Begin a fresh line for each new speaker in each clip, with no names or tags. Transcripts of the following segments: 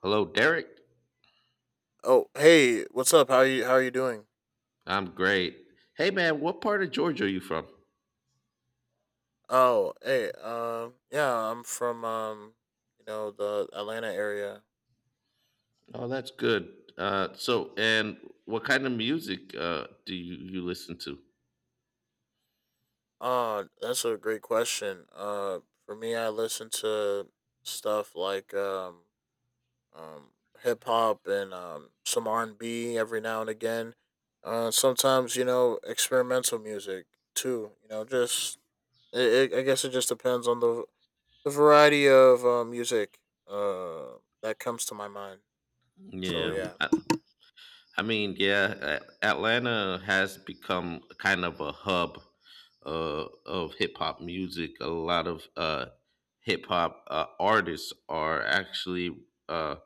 Hello, Derek.
Oh, hey, what's up? How are you doing?
I'm great. Hey, man, what part of Georgia are you from?
Oh, hey, yeah, I'm from the Atlanta area.
Oh, that's good. And what kind of music do you listen to?
That's a great question. For me, I listen to stuff like um, hip hop and some R and B every now and again. Sometimes, you know, experimental music too. I guess it just depends on the variety of music uh that comes to my mind. So
Yeah,
yeah.
I, I mean, yeah, Atlanta has become kind of a hub of hip hop music. A lot of hip hop artists are actually uh,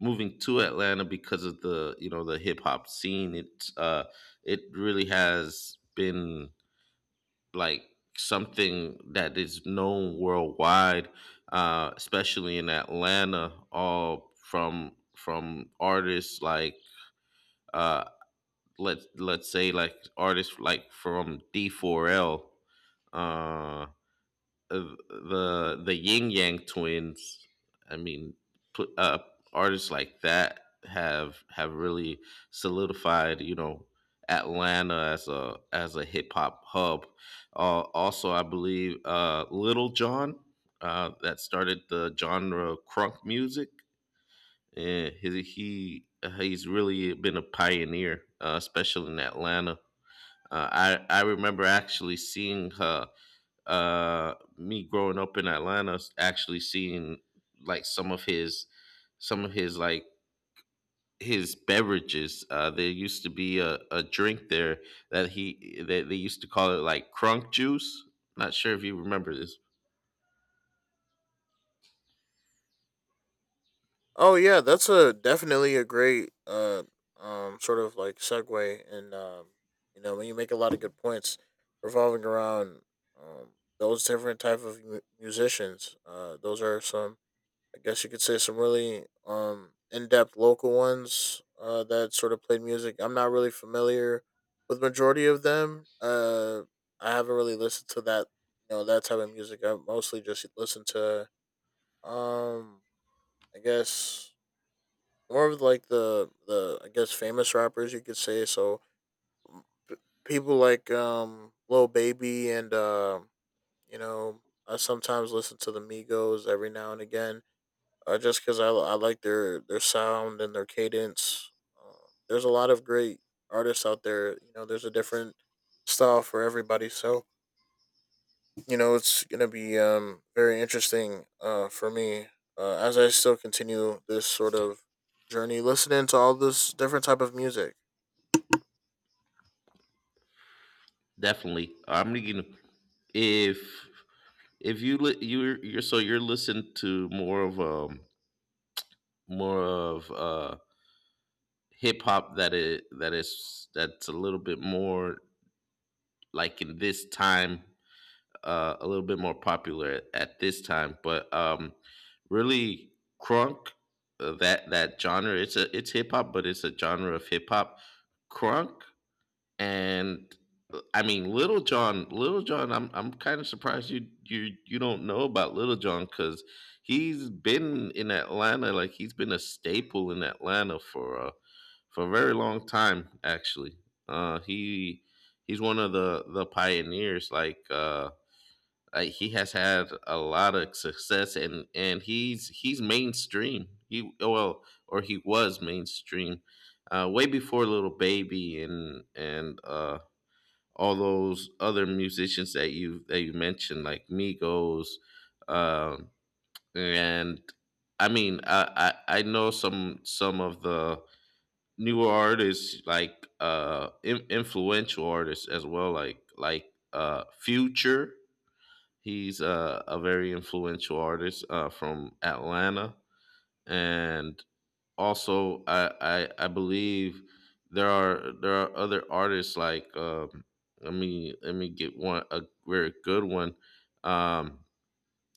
moving to Atlanta because of the you know the hip hop scene. It really has been like something that is known worldwide, especially in Atlanta, all from artists like uh, let's say like artists like from D4L. uh uh, the Yin Yang Twins. I mean, put, uh, artists like that have really solidified, you know, Atlanta as a hip hop hub. Also, I believe Little John that started the genre of crunk music. And he's really been a pioneer, especially in Atlanta. Uh, I remember actually seeing her me growing up in Atlanta actually seeing like some of his like his beverages. There used to be a drink there that he that they used to call it like crunk juice, not sure if you remember this.
Oh yeah, that's a definitely a great sort of like segue, and you know, when you make a lot of good points revolving around um those different type of musicians. Those are some, I guess you could say, some really in depth local ones that sort of played music. I'm not really familiar with majority of them. I haven't really listened to that, that type of music. I mostly just listen to um I guess more of like the I guess famous rappers, you could say. So people like Lil Baby and you know, I sometimes listen to the Migos every now and again, just because I like their sound and their cadence. There's a lot of great artists out there. You know, there's a different style for everybody. So you know it's gonna be very interesting for me, as I still continue this sort of journey listening to all this different type of music.
Definitely, I'm thinking if if you you're listening to more of more of uh hip hop that it that is that's a little bit more like in this time, a little bit more popular at this time. But really, crunk, that genre. It's hip hop, but it's a genre of hip hop. Crunk, and I mean Little John. Little John. I'm kind of surprised you don't know about Little John because he's been in Atlanta. Like he's been a staple in Atlanta for a very long time. Actually, uh, he he's one of the pioneers. Like he has had a lot of success, and he's mainstream. He well, or he was mainstream, way before Little Baby and all those other musicians that you mentioned, like Migos, um, and I mean, I know some of the newer artists like influential artists as well like future. He's a very influential artist from Atlanta, and also I believe there are other artists like let me get one a very good one. Um,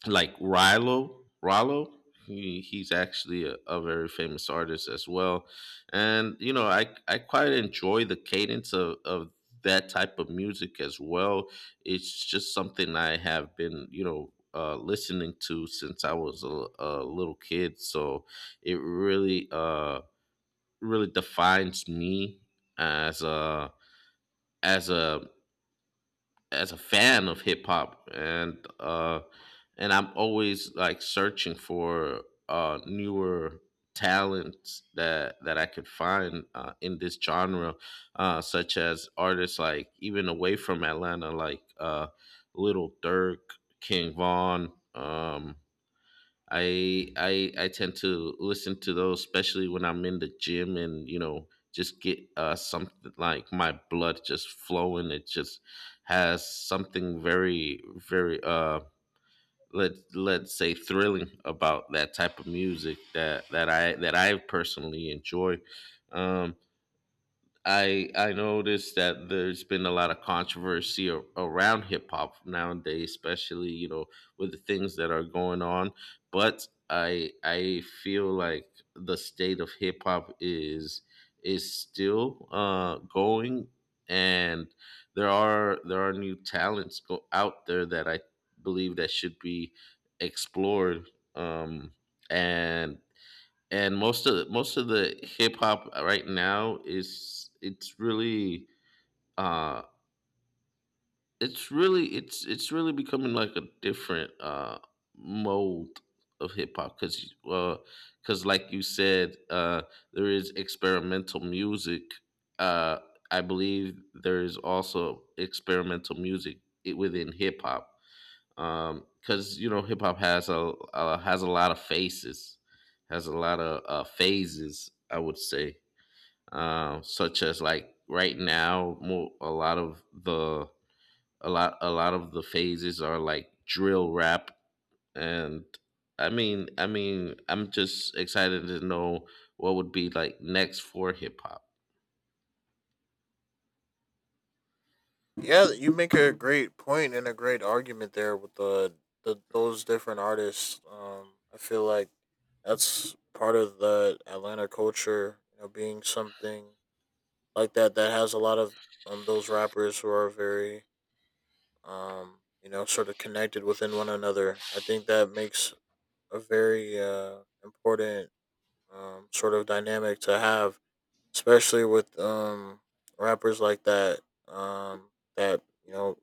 like Rilo. He's actually a very famous artist as well, and you know I quite enjoy the cadence of that type of music as well. It's just something I have been, listening to since I was a little kid, so it really really defines me as as a a fan of hip hop, and I'm always like searching for newer talents that I could find in this genre, such as artists like, even away from Atlanta, like Little Dirk, King Vaughn. I tend to listen to those, especially when I'm in the gym, and just get something like my blood just flowing. It just has something very very let's say thrilling about that type of music that I personally enjoy. Um, I noticed that there's been a lot of controversy around hip hop nowadays, especially with the things that are going on. But I feel like the state of hip hop is still going, and there are new talents go out there that I believe that should be explored. Um, and and most of most of the hip hop right now is it's really uh it's really it's really becoming like a different mold of hip hop, cuz like you said, there is experimental music. uh I believe there is also experimental music within hip hop, because you know hip hop has a lot of faces, has a lot of phases, I would say, such as like right now, more a lot of the phases are like drill rap, and I mean I'm just excited to know what would be like next for hip hop.
Yeah, you make a great point and a great argument there with the those different artists. I feel like that's part of the Atlanta culture, you know, being something like that, that has a lot of those rappers who are very you know, sort of connected within one another. I think that makes a very important sort of dynamic to have, especially with rappers like that um that you know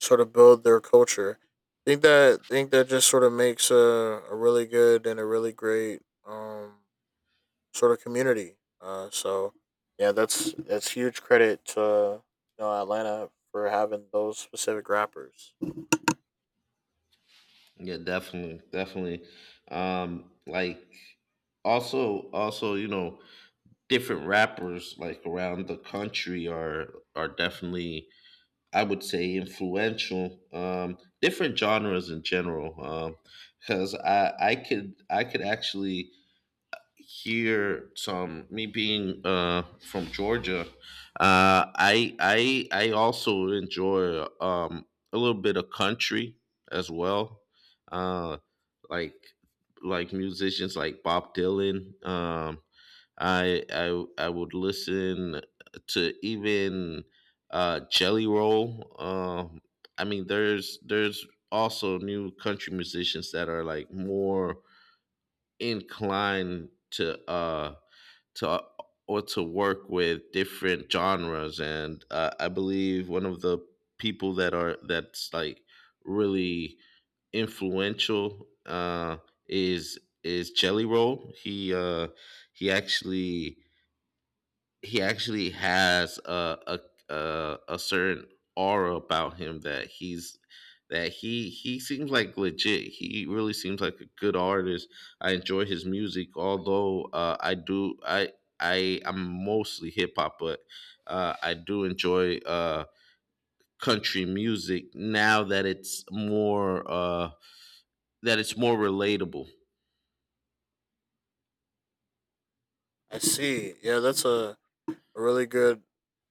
sort of build their culture. I think that just sort of makes a really good and a really great, sort of community. So yeah, that's huge credit to, you know, Atlanta for having those specific rappers.
Yeah, definitely, definitely. Like also different rappers like around the country are definitely, I would say, influential. Different genres in general, because I could actually here, Tom, me being from Georgia, I also enjoy a little bit of country as well, uh, like musicians like Bob Dylan. I would listen to even Jelly Roll. I mean, there's also new country musicians that are like more inclined to or to work with different genres, and I believe one of the people that are that's like really influential is Jelly Roll. He actually he actually has a certain aura about him, that he seems like legit. He really seems like a good artist. I enjoy his music, although I'm mostly hip hop, but I do enjoy country music now that it's more relatable.
I see. Yeah, that's a really good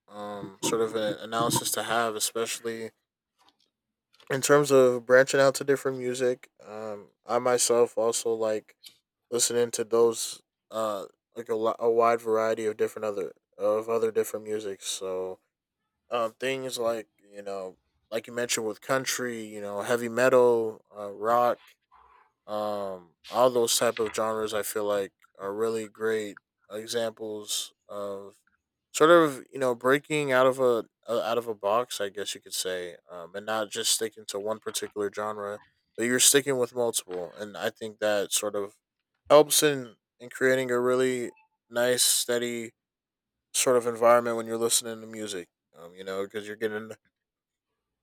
sort of analysis to have, especially in terms of branching out to different music. I myself also like listening to those uh like a wide variety of different other of other different music. So things like, you know, like you mentioned, with country, you know, heavy metal, rock, all those type of genres, I feel like are really great examples of sort of, you know, breaking out of a, out of a box, I guess you could say. And not just sticking to one particular genre, but you're sticking with multiple. And I think that sort of helps in creating a really nice, steady sort of environment when you're listening to music. You know, because you're getting,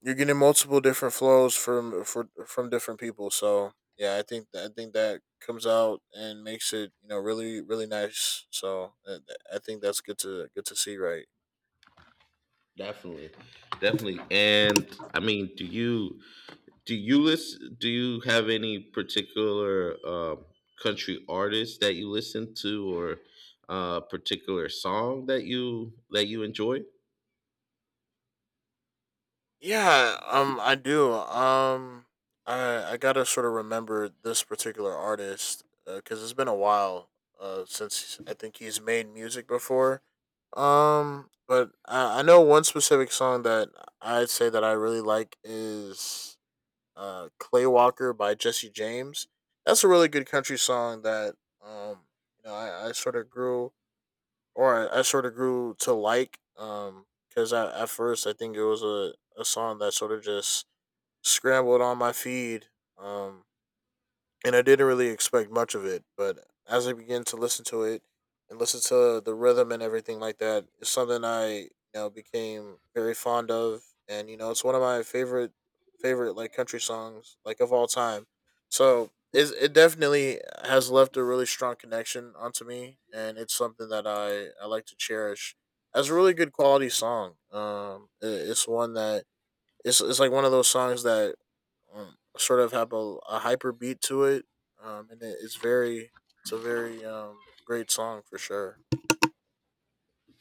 you're getting multiple different flows from different people. So yeah, I think that comes out and makes it, you know, really really nice. So I think that's good to see, right?
Definitely, definitely. And I mean, do you? Do you listen? Do you have any particular country artist that you listen to, or particular song that you enjoy?
Yeah, I do. Um, I gotta sort of remember this particular artist because it's been a while since I think he's made music before. Um, I know one specific song that I'd say that I really like is "Clay Walker" by Jesse James. That's a really good country song that um you know, I sort of grew, or I sort of grew to like, because at first I think it was a song that sort of just scrambled on my feed, um and I didn't really expect much of it. But as I began to listen to it and listen to the rhythm and everything like that, it's something I, you know, became very fond of, and you know it's one of my favorite like country songs, like, of all time. So it definitely has left a really strong connection onto me, and it's something that I like to cherish as a really good quality song. It's one that. It's like one of those songs that sort of have a hyper beat to it, and it's very, it's a very great song for sure.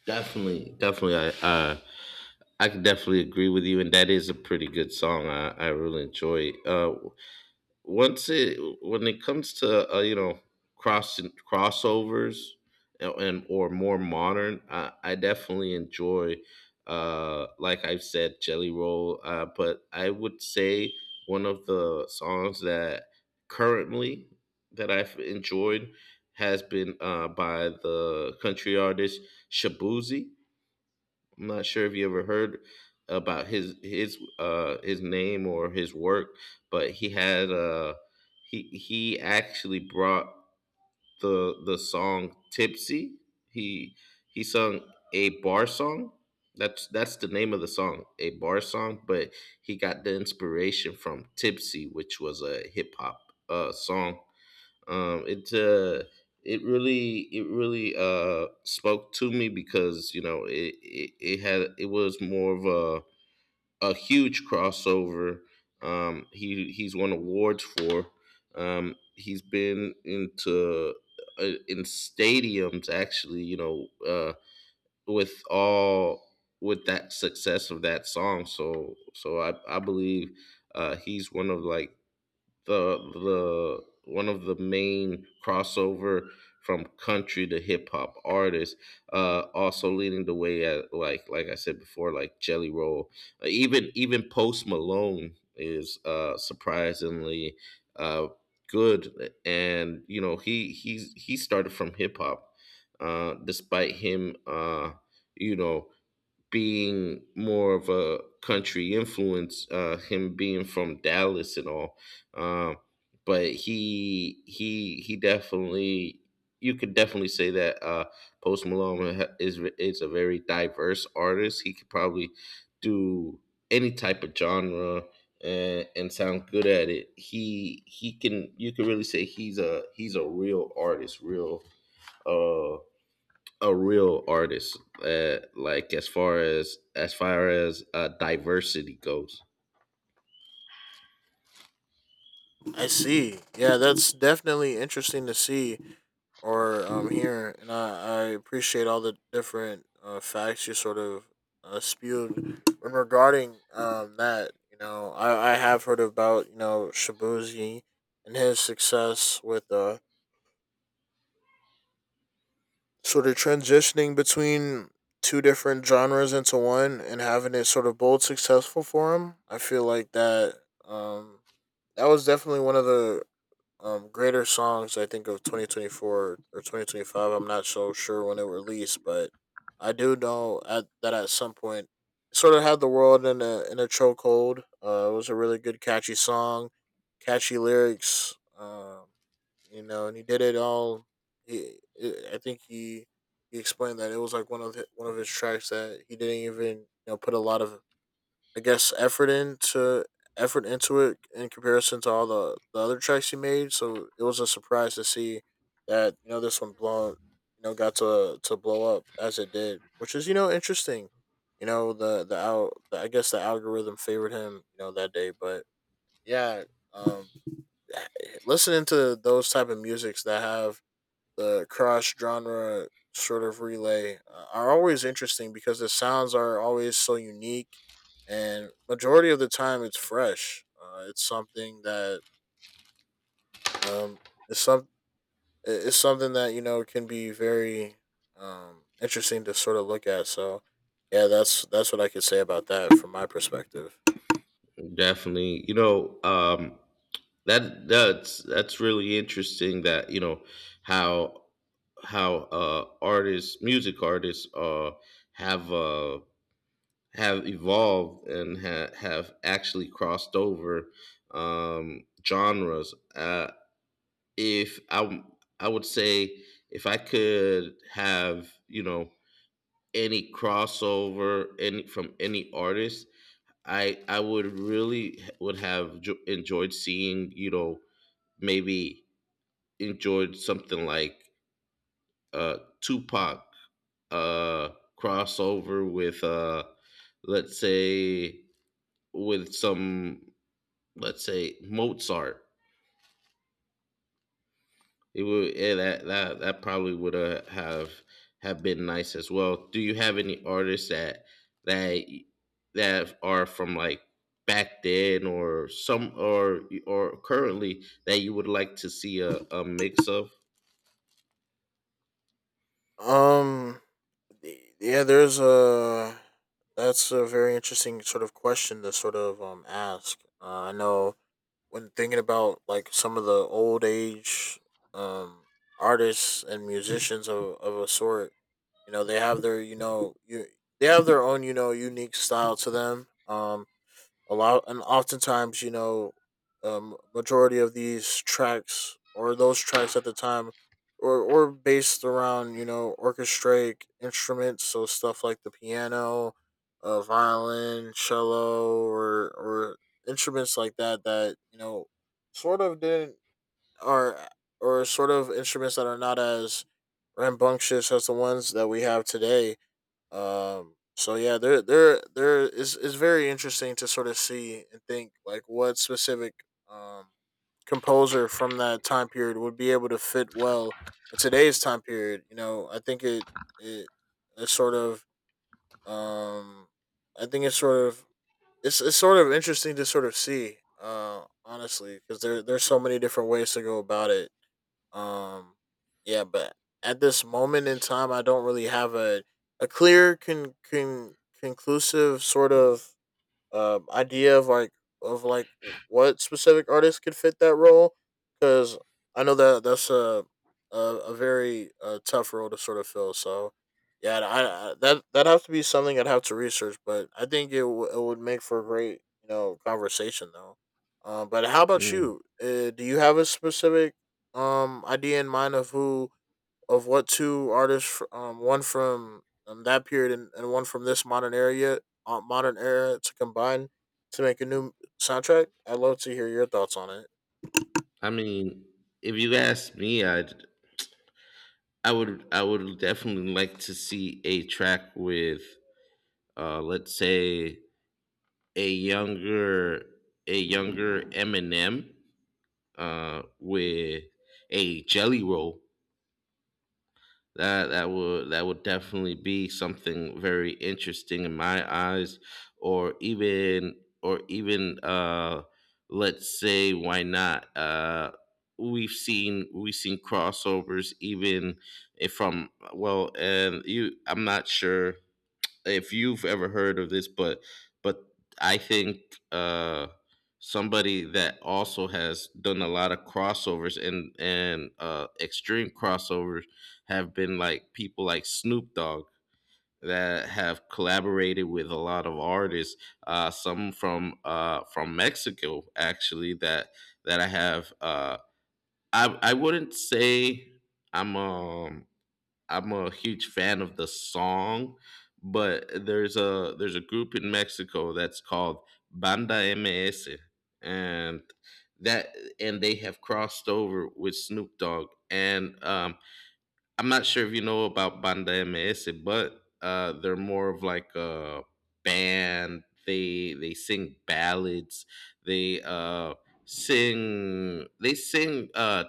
Definitely, definitely. I can definitely agree with you, and that is a pretty good song. I really enjoy. it. Once it when it comes to cross crossovers, and or more modern, I definitely enjoy, like I've said, Jelly Roll, but I would say one of the songs currently that I've enjoyed has been by the country artist Shabuzi. I'm not sure if you ever heard about his name or his work, but he had he actually brought the song Tipsy. He he sung a bar song. That's the name of the song, a bar song, but he got the inspiration from Tipsy, which was a hip hop song. Um it uh it really it really uh spoke to me because it was more of a huge crossover. He's won awards for, he's been into in stadiums, actually, with all with that success of that song, so so I believe he's the the one of the main crossover from country to hip hop artists, also leading the way, at like I said before, like Jelly Roll. Even Post Malone is surprisingly uh, good, and he started from hip hop, despite him, you know being more of a country influence, him being from Dallas and all. Um, but he definitely you could definitely say that Post Malone is a very diverse artist. He could probably do any type of genre and sound good at it. He can you can really say he's a real artist, real uh a real artist, like as far as diversity goes.
I see. Yeah, that's definitely interesting to see or hear, and I appreciate all the different facts you sort of spewed when regarding that. You know, I have heard about, you know, Shabuzi and his success with sort of transitioning between two different genres into one and having it sort of both successful for him. I feel like that um that was definitely one of the greater songs, I think, of 2024 or 2025. I'm not so sure when it released, but I do know at, that at some point it sort of had the world in a chokehold. It was a really good catchy song, catchy lyrics. You know, and he did it all. I think he explained that it was like one of one of his tracks that he didn't even, you know, put a lot of, I guess, effort into, effort into it in comparison to all the other tracks he made. So it was a surprise to see that, you know, this one blown, you know, got to blow up as it did, which is, you know, interesting. I guess the algorithm favored him, you know, that day. But yeah, um, eh, listening to those type of musics that have the cross genre sort of relay, are always interesting because the sounds are always so unique, and majority of the time it's fresh. It's something that um it's some it's something that, you know, can be very interesting to sort of look at. So yeah, that's what I could say about that from my perspective.
Definitely, that's really interesting, that how how artists music artists have uh have evolved and have actually crossed over genres. If I would say, if I could have you know any crossover any from any artist, I would really would have jo- enjoyed seeing, maybe, enjoyed something like Tupac uh crossover with let's say with some let's say Mozart. It would yeah, that that that probably would, have been nice as well. Do you have any artists that y- that are from like back then, or some or currently, that you would like to see a mix of?
um yeah, there's a that's a very interesting sort of question to sort of ask. I know when thinking about like some of the old age, um artists and musicians of a sort, you know, they have their, you know, you they have their own, you know, unique style to them. A lot and oftentimes, you know, majority of these tracks or those tracks at the time or based around, you know, orchestraic instruments. So stuff like the piano, violin, cello, or instruments like that, that, you know, sort of didn't are or sort of instruments that are not as rambunctious as the ones that we have today. So yeah, there is very interesting to sort of see and think, like, what specific um composer from that time period would be able to fit well in today's time period. You know, I think it is sort of, um I think it's sort of interesting to sort of see, honestly, because there, there's so many different ways to go about it. um, yeah, but at this moment in time, I don't really have a clear, conclusive sort of, idea of like, of like what specific artist could fit that role, because I know that that's a very tough role to sort of fill. So yeah, I, that that have to be something I'd have to research, but I think it would make for a great, you know, conversation though. But how about
Mm.
you? Do you have a specific idea in mind of who, of what two artists, one from, that period, and one from this modern area, modern era, to combine to make a new soundtrack. I'd love to hear your thoughts on it.
I mean, if you ask me, I would definitely like to see a track with let's say a younger, Eminem, with a Jelly Roll. That would definitely be something very interesting in my eyes, or even, let's say, why not? We've seen crossovers even if from well, and you I'm not sure if you've ever heard of this, but I think uh, somebody that also has done a lot of crossovers and extreme crossovers have been like people like Snoop Dogg that have collaborated with a lot of artists, some from Mexico actually that I have. I wouldn't say I'm um I'm a huge fan of the song, but there's a group in Mexico that's called Banda MS, and that and they have crossed over with Snoop Dogg. And I'm not sure if you know about Banda MS, but they're more of like a band. They sing ballads. They uh, sing they sing uh,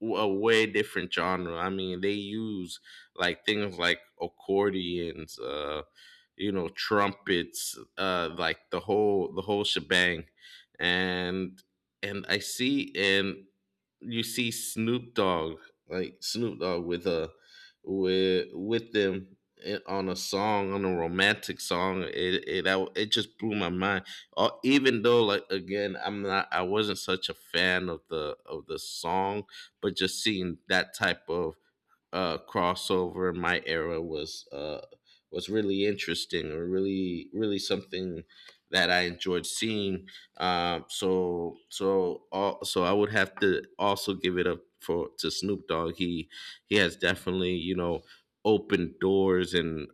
w- a way different genre. I mean, they use like things like accordions, you know, trumpets, like the whole shebang, and and I see and you see Snoop Dogg like Snoop Dogg with a with them on a song on a romantic song it just blew my mind even though like again I wasn't such a fan of the song, but just seeing that type of crossover in my era was really interesting or really really something that I enjoyed seeing. So I would have to also give it up for to Snoop Dogg. He has definitely opened doors and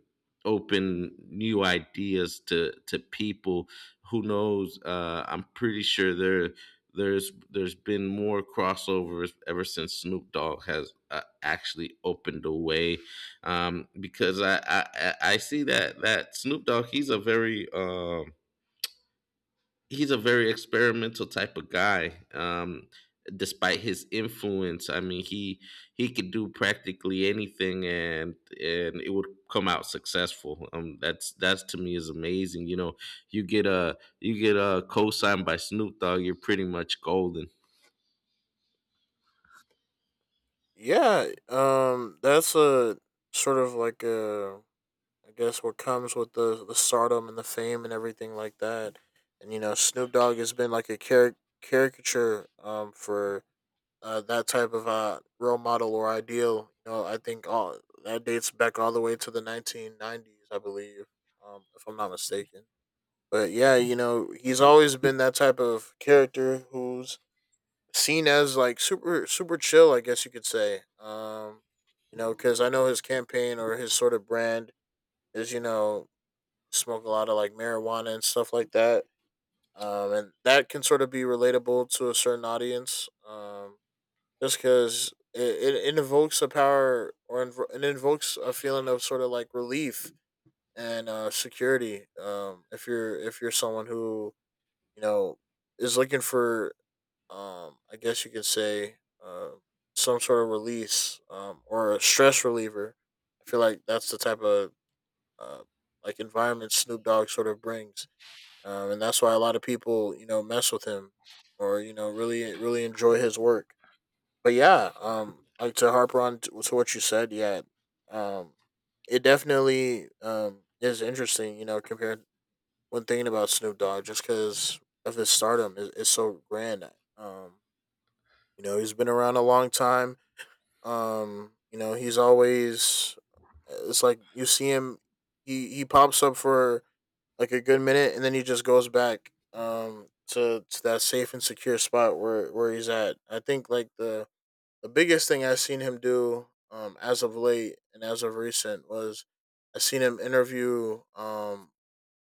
open new ideas to people. Who knows? I'm pretty sure there's been more crossovers ever since Snoop Dogg has actually opened the way, because I see that Snoop Dogg, he's a very experimental type of guy. Despite his influence, I mean, he could do practically anything, and it would come out successful. That's to me is amazing. You know, you get a co-signed by Snoop Dogg, you're pretty much golden.
Yeah, that's a sort of like I guess what comes with the stardom and the fame and everything like that. And you know, Snoop Dogg has been like a caricature, for that type of role model or ideal. You know, I think all that dates back all the way to the 1990s, I believe, if I'm not mistaken. But yeah, you know, he's always been that type of character who's seen as like super super chill, I guess you could say. You know, because I know his campaign or his sort of brand is, you know, smoke a lot of like marijuana and stuff like that. And that can sort of be relatable to a certain audience. Just because it invokes a power or it invokes a feeling of sort of like relief and security. If you're someone who you know is looking for, I guess you could say, uh, some sort of release or a stress reliever. I feel like that's the type of uh, like environment Snoop Dogg sort of brings, and that's why a lot of people you know mess with him or you know really enjoy his work but yeah, like to harper on to what you said, yeah, um, it definitely is interesting, you know, compared when thinking about Snoop Dogg, just because of his stardom is so grand. Um, you know, he's been around a long time. You know, he's always it's like you see him, he pops up for like a good minute, and then he just goes back to that safe and secure spot where he's at. I think like the biggest thing I've seen him do as of late and as of recent was I've seen him interview um,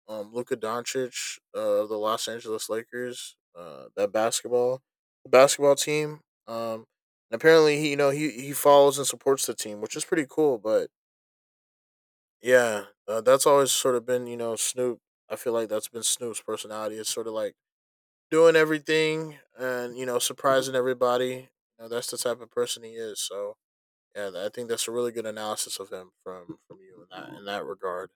um, Luka Doncic of the Los Angeles Lakers, that basketball the basketball team. Um, and apparently, he you know he follows and supports the team, which is pretty cool. But yeah, that's always sort of been you know Snoop. I feel like that's been Snoop's personality. It's sort of like doing everything and you know surprising everybody. You know, that's the type of person he is. So yeah, I think that's a really good analysis of him from you in that regard.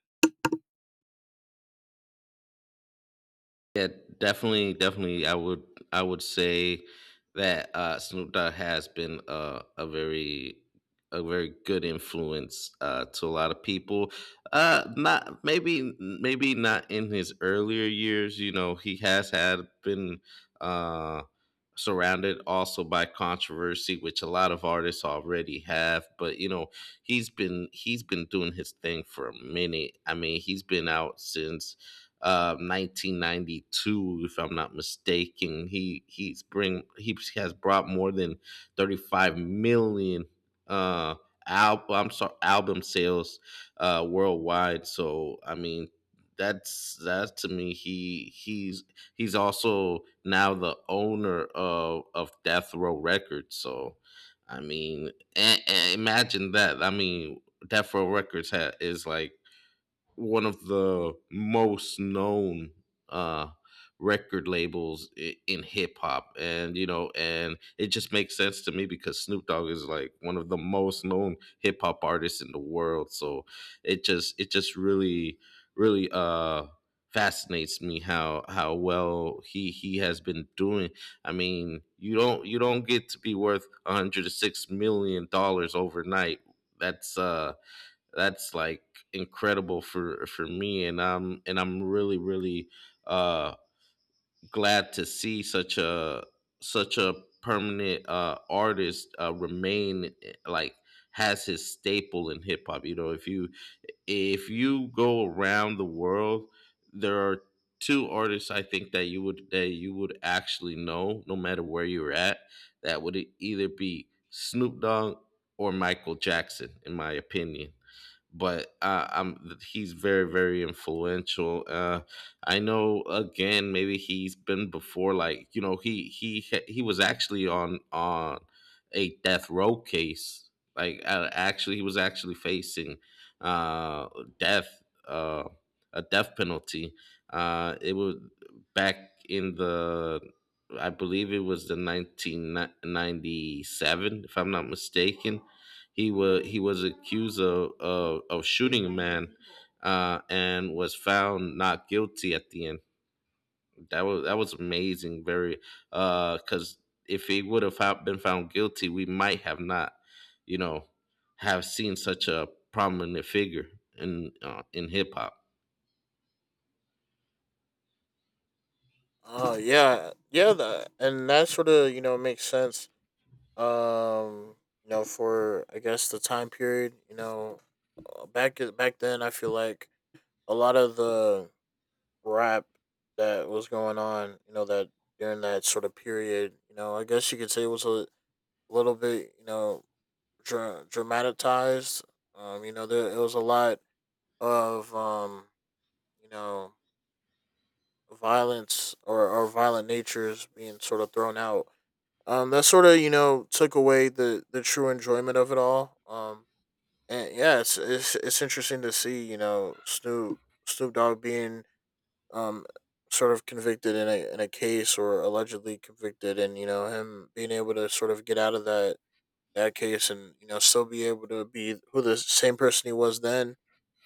Yeah, definitely, definitely. I would say that Snoop Dogg has been a very good influence to a lot of people. Not maybe, maybe not in his earlier years. You know, he has had been uh, surrounded also by controversy, which a lot of artists already have. But you know, he's been doing his thing for a minute. I mean, he's been out since 1992, if I'm not mistaken. He he's bring he has brought more than 35 million uh, I'm sorry, album sales worldwide. So I mean that's, that to me, he's he's also now the owner of Death Row Records. So I mean, imagine that. I mean, Death Row Records is like one of the most known uh record labels in hip hop, and you know, and it just makes sense to me because Snoop Dogg is like one of the most known hip hop artists in the world. So it just really really fascinates me how well he has been doing. I mean, you don't get to be worth 106 million dollars overnight. that's uh that's like incredible for me, and I'm really really uh glad to see such a such a permanent artist remain like has his staple in hip hop. You know, if you go around the world, there are two artists, I think, that you would actually know no matter where you're at, that would either be Snoop Dogg or Michael Jackson, in my opinion. But I'm he's very very influential. I know, again, maybe he's been before. Like, you know, he he was actually on a death row case, like actually, he was actually facing uh, death a death penalty. It was back in the, I believe it was the 1997, if I'm not mistaken. He was accused of of shooting a man, and was found not guilty at the end. That was amazing. Very, because if he would have been found guilty, we might have not, you know, have seen such a prominent figure in hip hop.
Oh yeah, yeah, that and that sort of you know makes sense. Um, you know, for I guess the time period, you know, back then, I feel like a lot of the rap that was going on, you know, that during that sort of period, you know, I guess you could say it was a little bit, you know, dramatized. You know, there it was a lot of you know violence or violent natures being sort of thrown out. That sort of you know took away the true enjoyment of it all. And yeah, it's interesting to see you know Snoop Dogg being um sort of convicted in a case or allegedly convicted, and you know him being able to sort of get out of that case and you know still be able to be who the same person he was then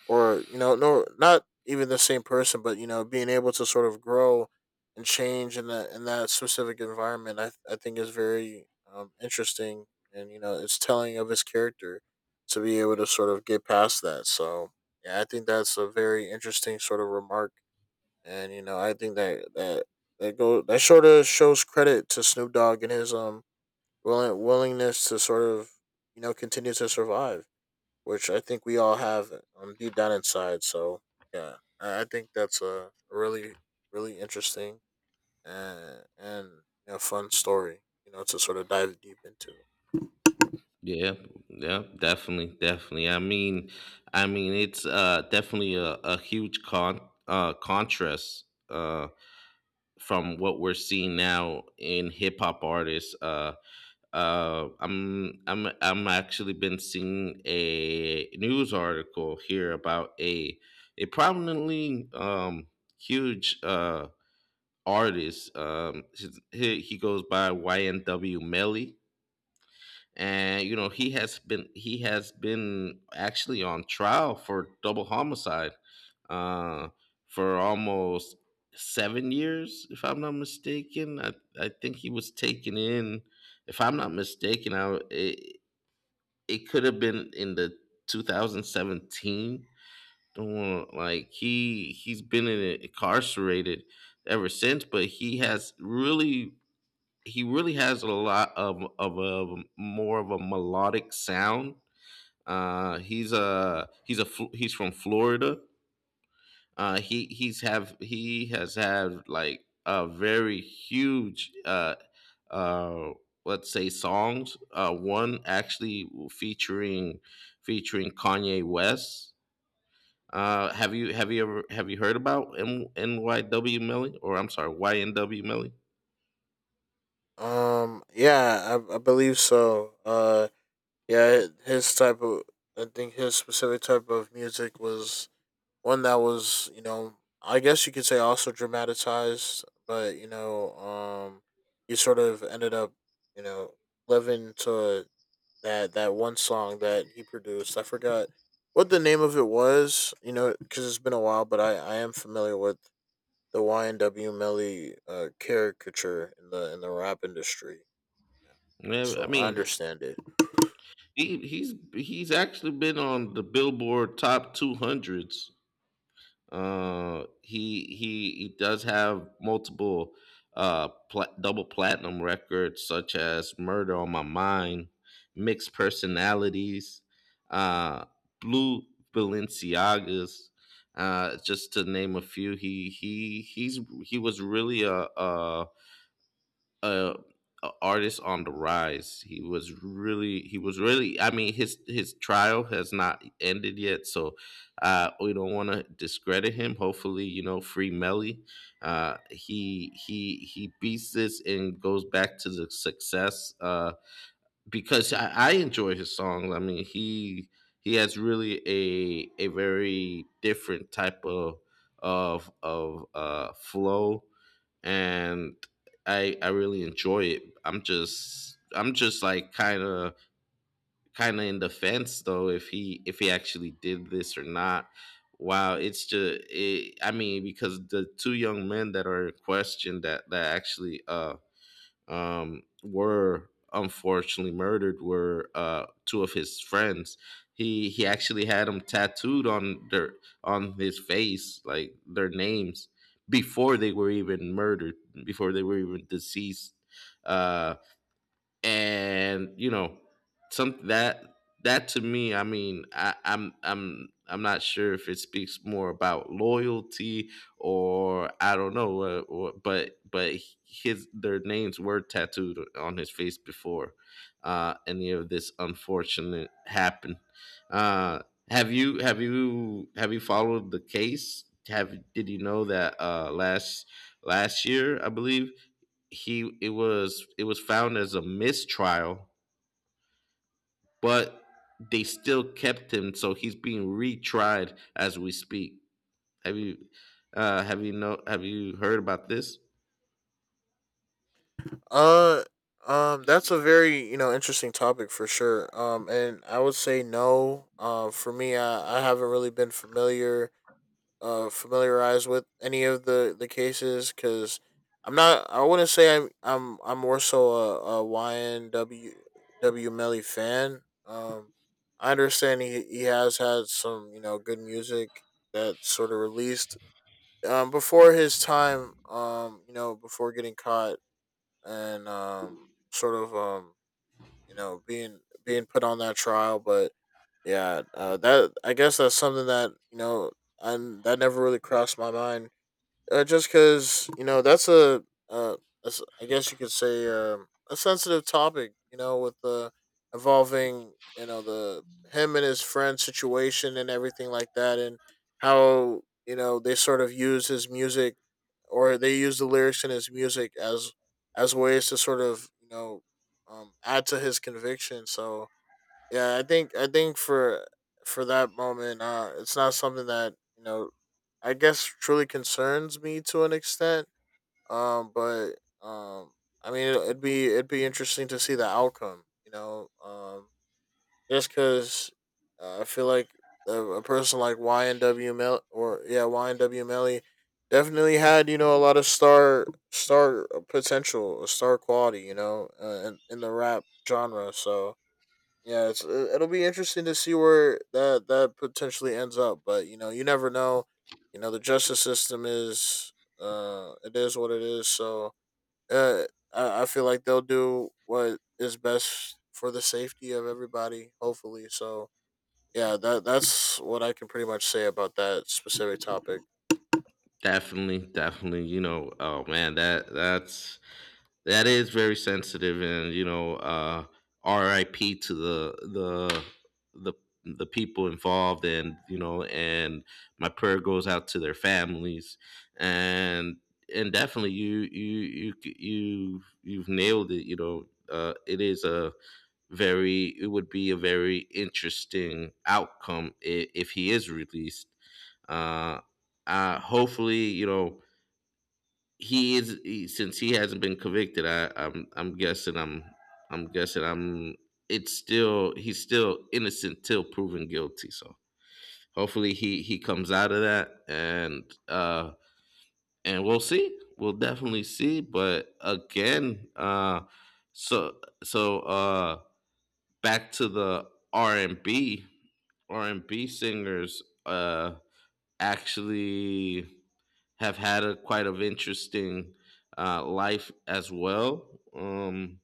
or you know no not even the same person but you know being able to sort of grow and change in that specific environment I think is very interesting and you know it's telling of his character to be able to sort of get past that so yeah I think that's a very interesting sort of remark and you know I think that that that go that sort of shows credit to snoop dogg and his willingness to sort of you know continue to survive which I think we all have deep down inside. So yeah, I think that's a really interesting and you know, fun story. You know, to sort of dive deep into.
Yeah, yeah, definitely, definitely. I mean, it's definitely a huge contrast from what we're seeing now in hip hop artists. I'm actually been seeing a news article here about a prominently huge artist. He goes by YNW Melly, and you know, he has been actually on trial for double homicide uh for almost 7 years, if I'm not mistaken. I think he was taken in, if I'm not mistaken. It could have been in the 2017. Don't want like He he's been incarcerated ever since. But he has really, he really has a lot of a more of a melodic sound. He's from Florida. He he's have he has had like a very huge uh, let's say songs. One actually featuring Kanye West. Have you heard about MNYW NYW Melly, or I'm sorry, YNW Melly?
Yeah, I believe so. Yeah, his type of I think his specific type of music was one that was you know I guess you could say also dramatized, but you know he sort of ended up you know living to that one song that he produced. I forgot what the name of it was. You know, because it's been a while, but I am familiar with the YNW Melly caricature in the rap industry. Yeah.
Yeah, I
So I
mean,
understand it.
he's actually been on the Billboard top 200s. He does have multiple double platinum records such as Murder on My Mind, Mixed Personalities, uh Blue Balenciagas, just to name a few. He was really a, a artist on the rise. He was really, he was really. I mean, his trial has not ended yet, so we don't want to discredit him. Hopefully, you know, free Melly. He beats this and goes back to the success, because I enjoy his songs. I mean, he has really a very different type of flow, and I really enjoy it. I'm just like kind of in the fence though, if he, if he actually did this or not. Wow, it's just it. I mean, because the two young men that are in question that actually were unfortunately murdered were two of his friends. He actually had them tattooed on their on his face, like their names, before they were even murdered, before they were even deceased. Uh, and you know, some that, that to me, I mean, I, I'm not sure if it speaks more about loyalty or I don't know, but his their names were tattooed on his face before any of this unfortunate happened. uh have you followed the case? Have Did you know that last year, I believe, he it was, it was found as a mistrial, but they still kept him, so he's being retried as we speak. Have you have you heard about this?
Uh, that's a very you know interesting topic for sure. And I would say no. For me, I haven't really been familiar familiarized with any of the cases because I'm not. I wouldn't say I'm. I'm. I'm more so a YNWW Melly fan. I understand he has had some you know good music that sort of released before his time. You know before getting caught and sort of you know being put on that trial, but. Yeah, that I guess that's something that you know, and that never really crossed my mind just because you know that's a, I guess you could say a sensitive topic. You know, with involving you know the him and his friend situation and everything like that, and how you know they sort of use his music or they use the lyrics in his music as ways to sort of you know add to his conviction. So yeah i think for that moment it's not something that you know I guess truly concerns me to an extent but um I mean it'd be interesting to see the outcome you know just because I feel like a person like ynw melly definitely had you know a lot of star potential star quality you know in the rap genre so yeah, it'll be interesting to see where that potentially ends up, but you know, you never know. You know, the justice system is it is what it is, so uh I feel like they'll do what is best for the safety of everybody, hopefully. So, yeah, that's what I can pretty much say about that specific topic.
Definitely, definitely. You know, oh man, that is very sensitive. And you know, R.I.P. to the the people involved, and you know, and my prayer goes out to their families, and and definitely, you you've nailed it. You know, it is a very, it would be a very interesting outcome if he is released. Uh, Hopefully, you know, he is he, since he hasn't been convicted. I, I'm guessing I'm guessing I'm it's still, he's still innocent till proven guilty. So hopefully, he comes out of that, and we'll see. We'll definitely see. But again, so so uh back to the R and B, R and B singers actually have had a quite of interesting life as well. Um,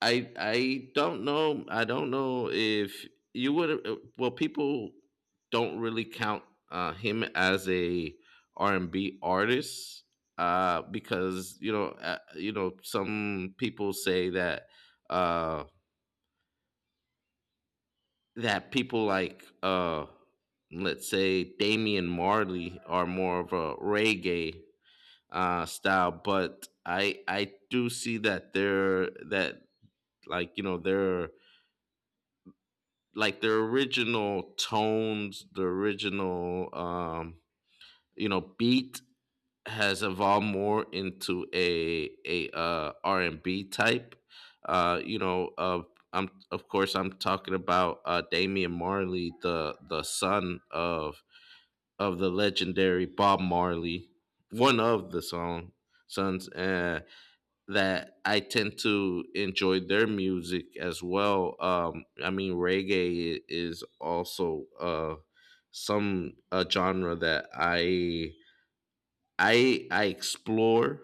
I I don't know. I don't know if you would. Well, people don't really count him as a R and B artist, because you know, you know, some people say that uh, people like, let's say, Damian Marley are more of a reggae style. But I do see that their, that like, you know, their, like, their original tones, the original, you know, beat has evolved more into a R and B type. You know, of, I'm, of course, I'm talking about Damian Marley, the son of the legendary Bob Marley, one of the song sons. That I tend to enjoy their music as well. I mean, reggae is also some a genre that I explore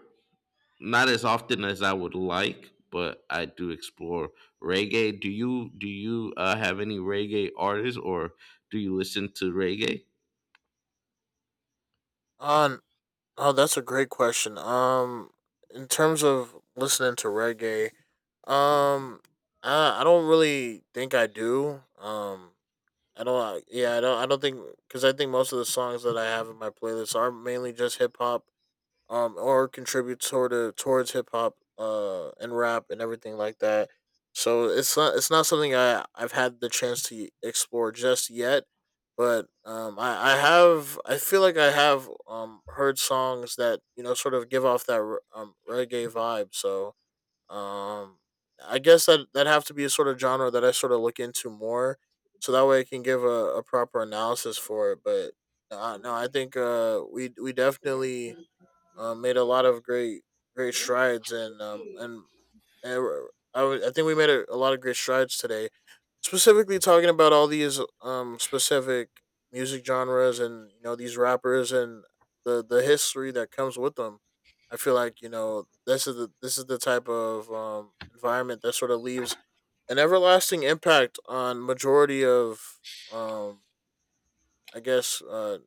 not as often as I would like, but I do explore reggae. Do you have any reggae artists, or do you listen to reggae?
On Oh, that's a great question. In terms of listening to reggae, um, I don't really think I do. I don't. I- Yeah, I don't. I don't think because I think most of the songs that I have in my playlist are mainly just hip hop or contribute towards hip hop, and rap and everything like that. So it's not something I've had the chance to explore just yet, but I have I feel like I have heard songs that you know sort of give off that reggae vibe. So um, I guess that that have to be a sort of genre that I sort of look into more, so that way I can give a proper analysis for it. But no, I think uh, we definitely made a lot of great strides and and we're- I think we made a lot of great strides today, specifically talking about all these specific music genres and you know these rappers and the history that comes with them. I feel like you know this is the type of environment that sort of leaves an everlasting impact on majority of um I guess uh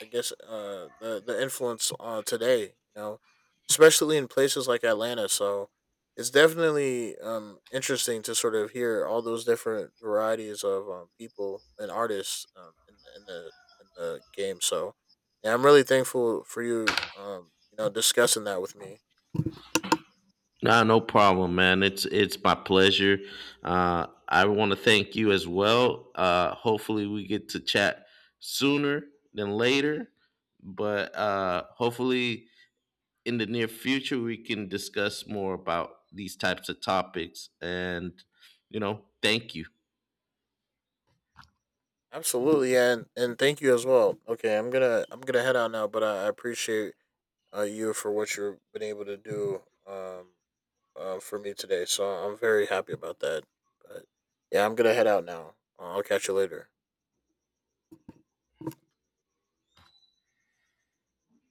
the influence on today, you know, especially in places like Atlanta. So it's definitely interesting to sort of hear all those different varieties of people and artists in the game. So yeah, I'm really thankful for you you know discussing that with me.
Nah, no problem, man. It's my pleasure. I want to thank you as well. Hopefully, we get to chat sooner than later, but hopefully, in the near future, we can discuss more about these types of topics. And you know, thank you.
Absolutely, and thank you as well. Okay, I'm gonna head out now, but I appreciate you for what you've been able to do. For me today. So I'm very happy about that. But yeah, I'm gonna head out now. I'll catch you later.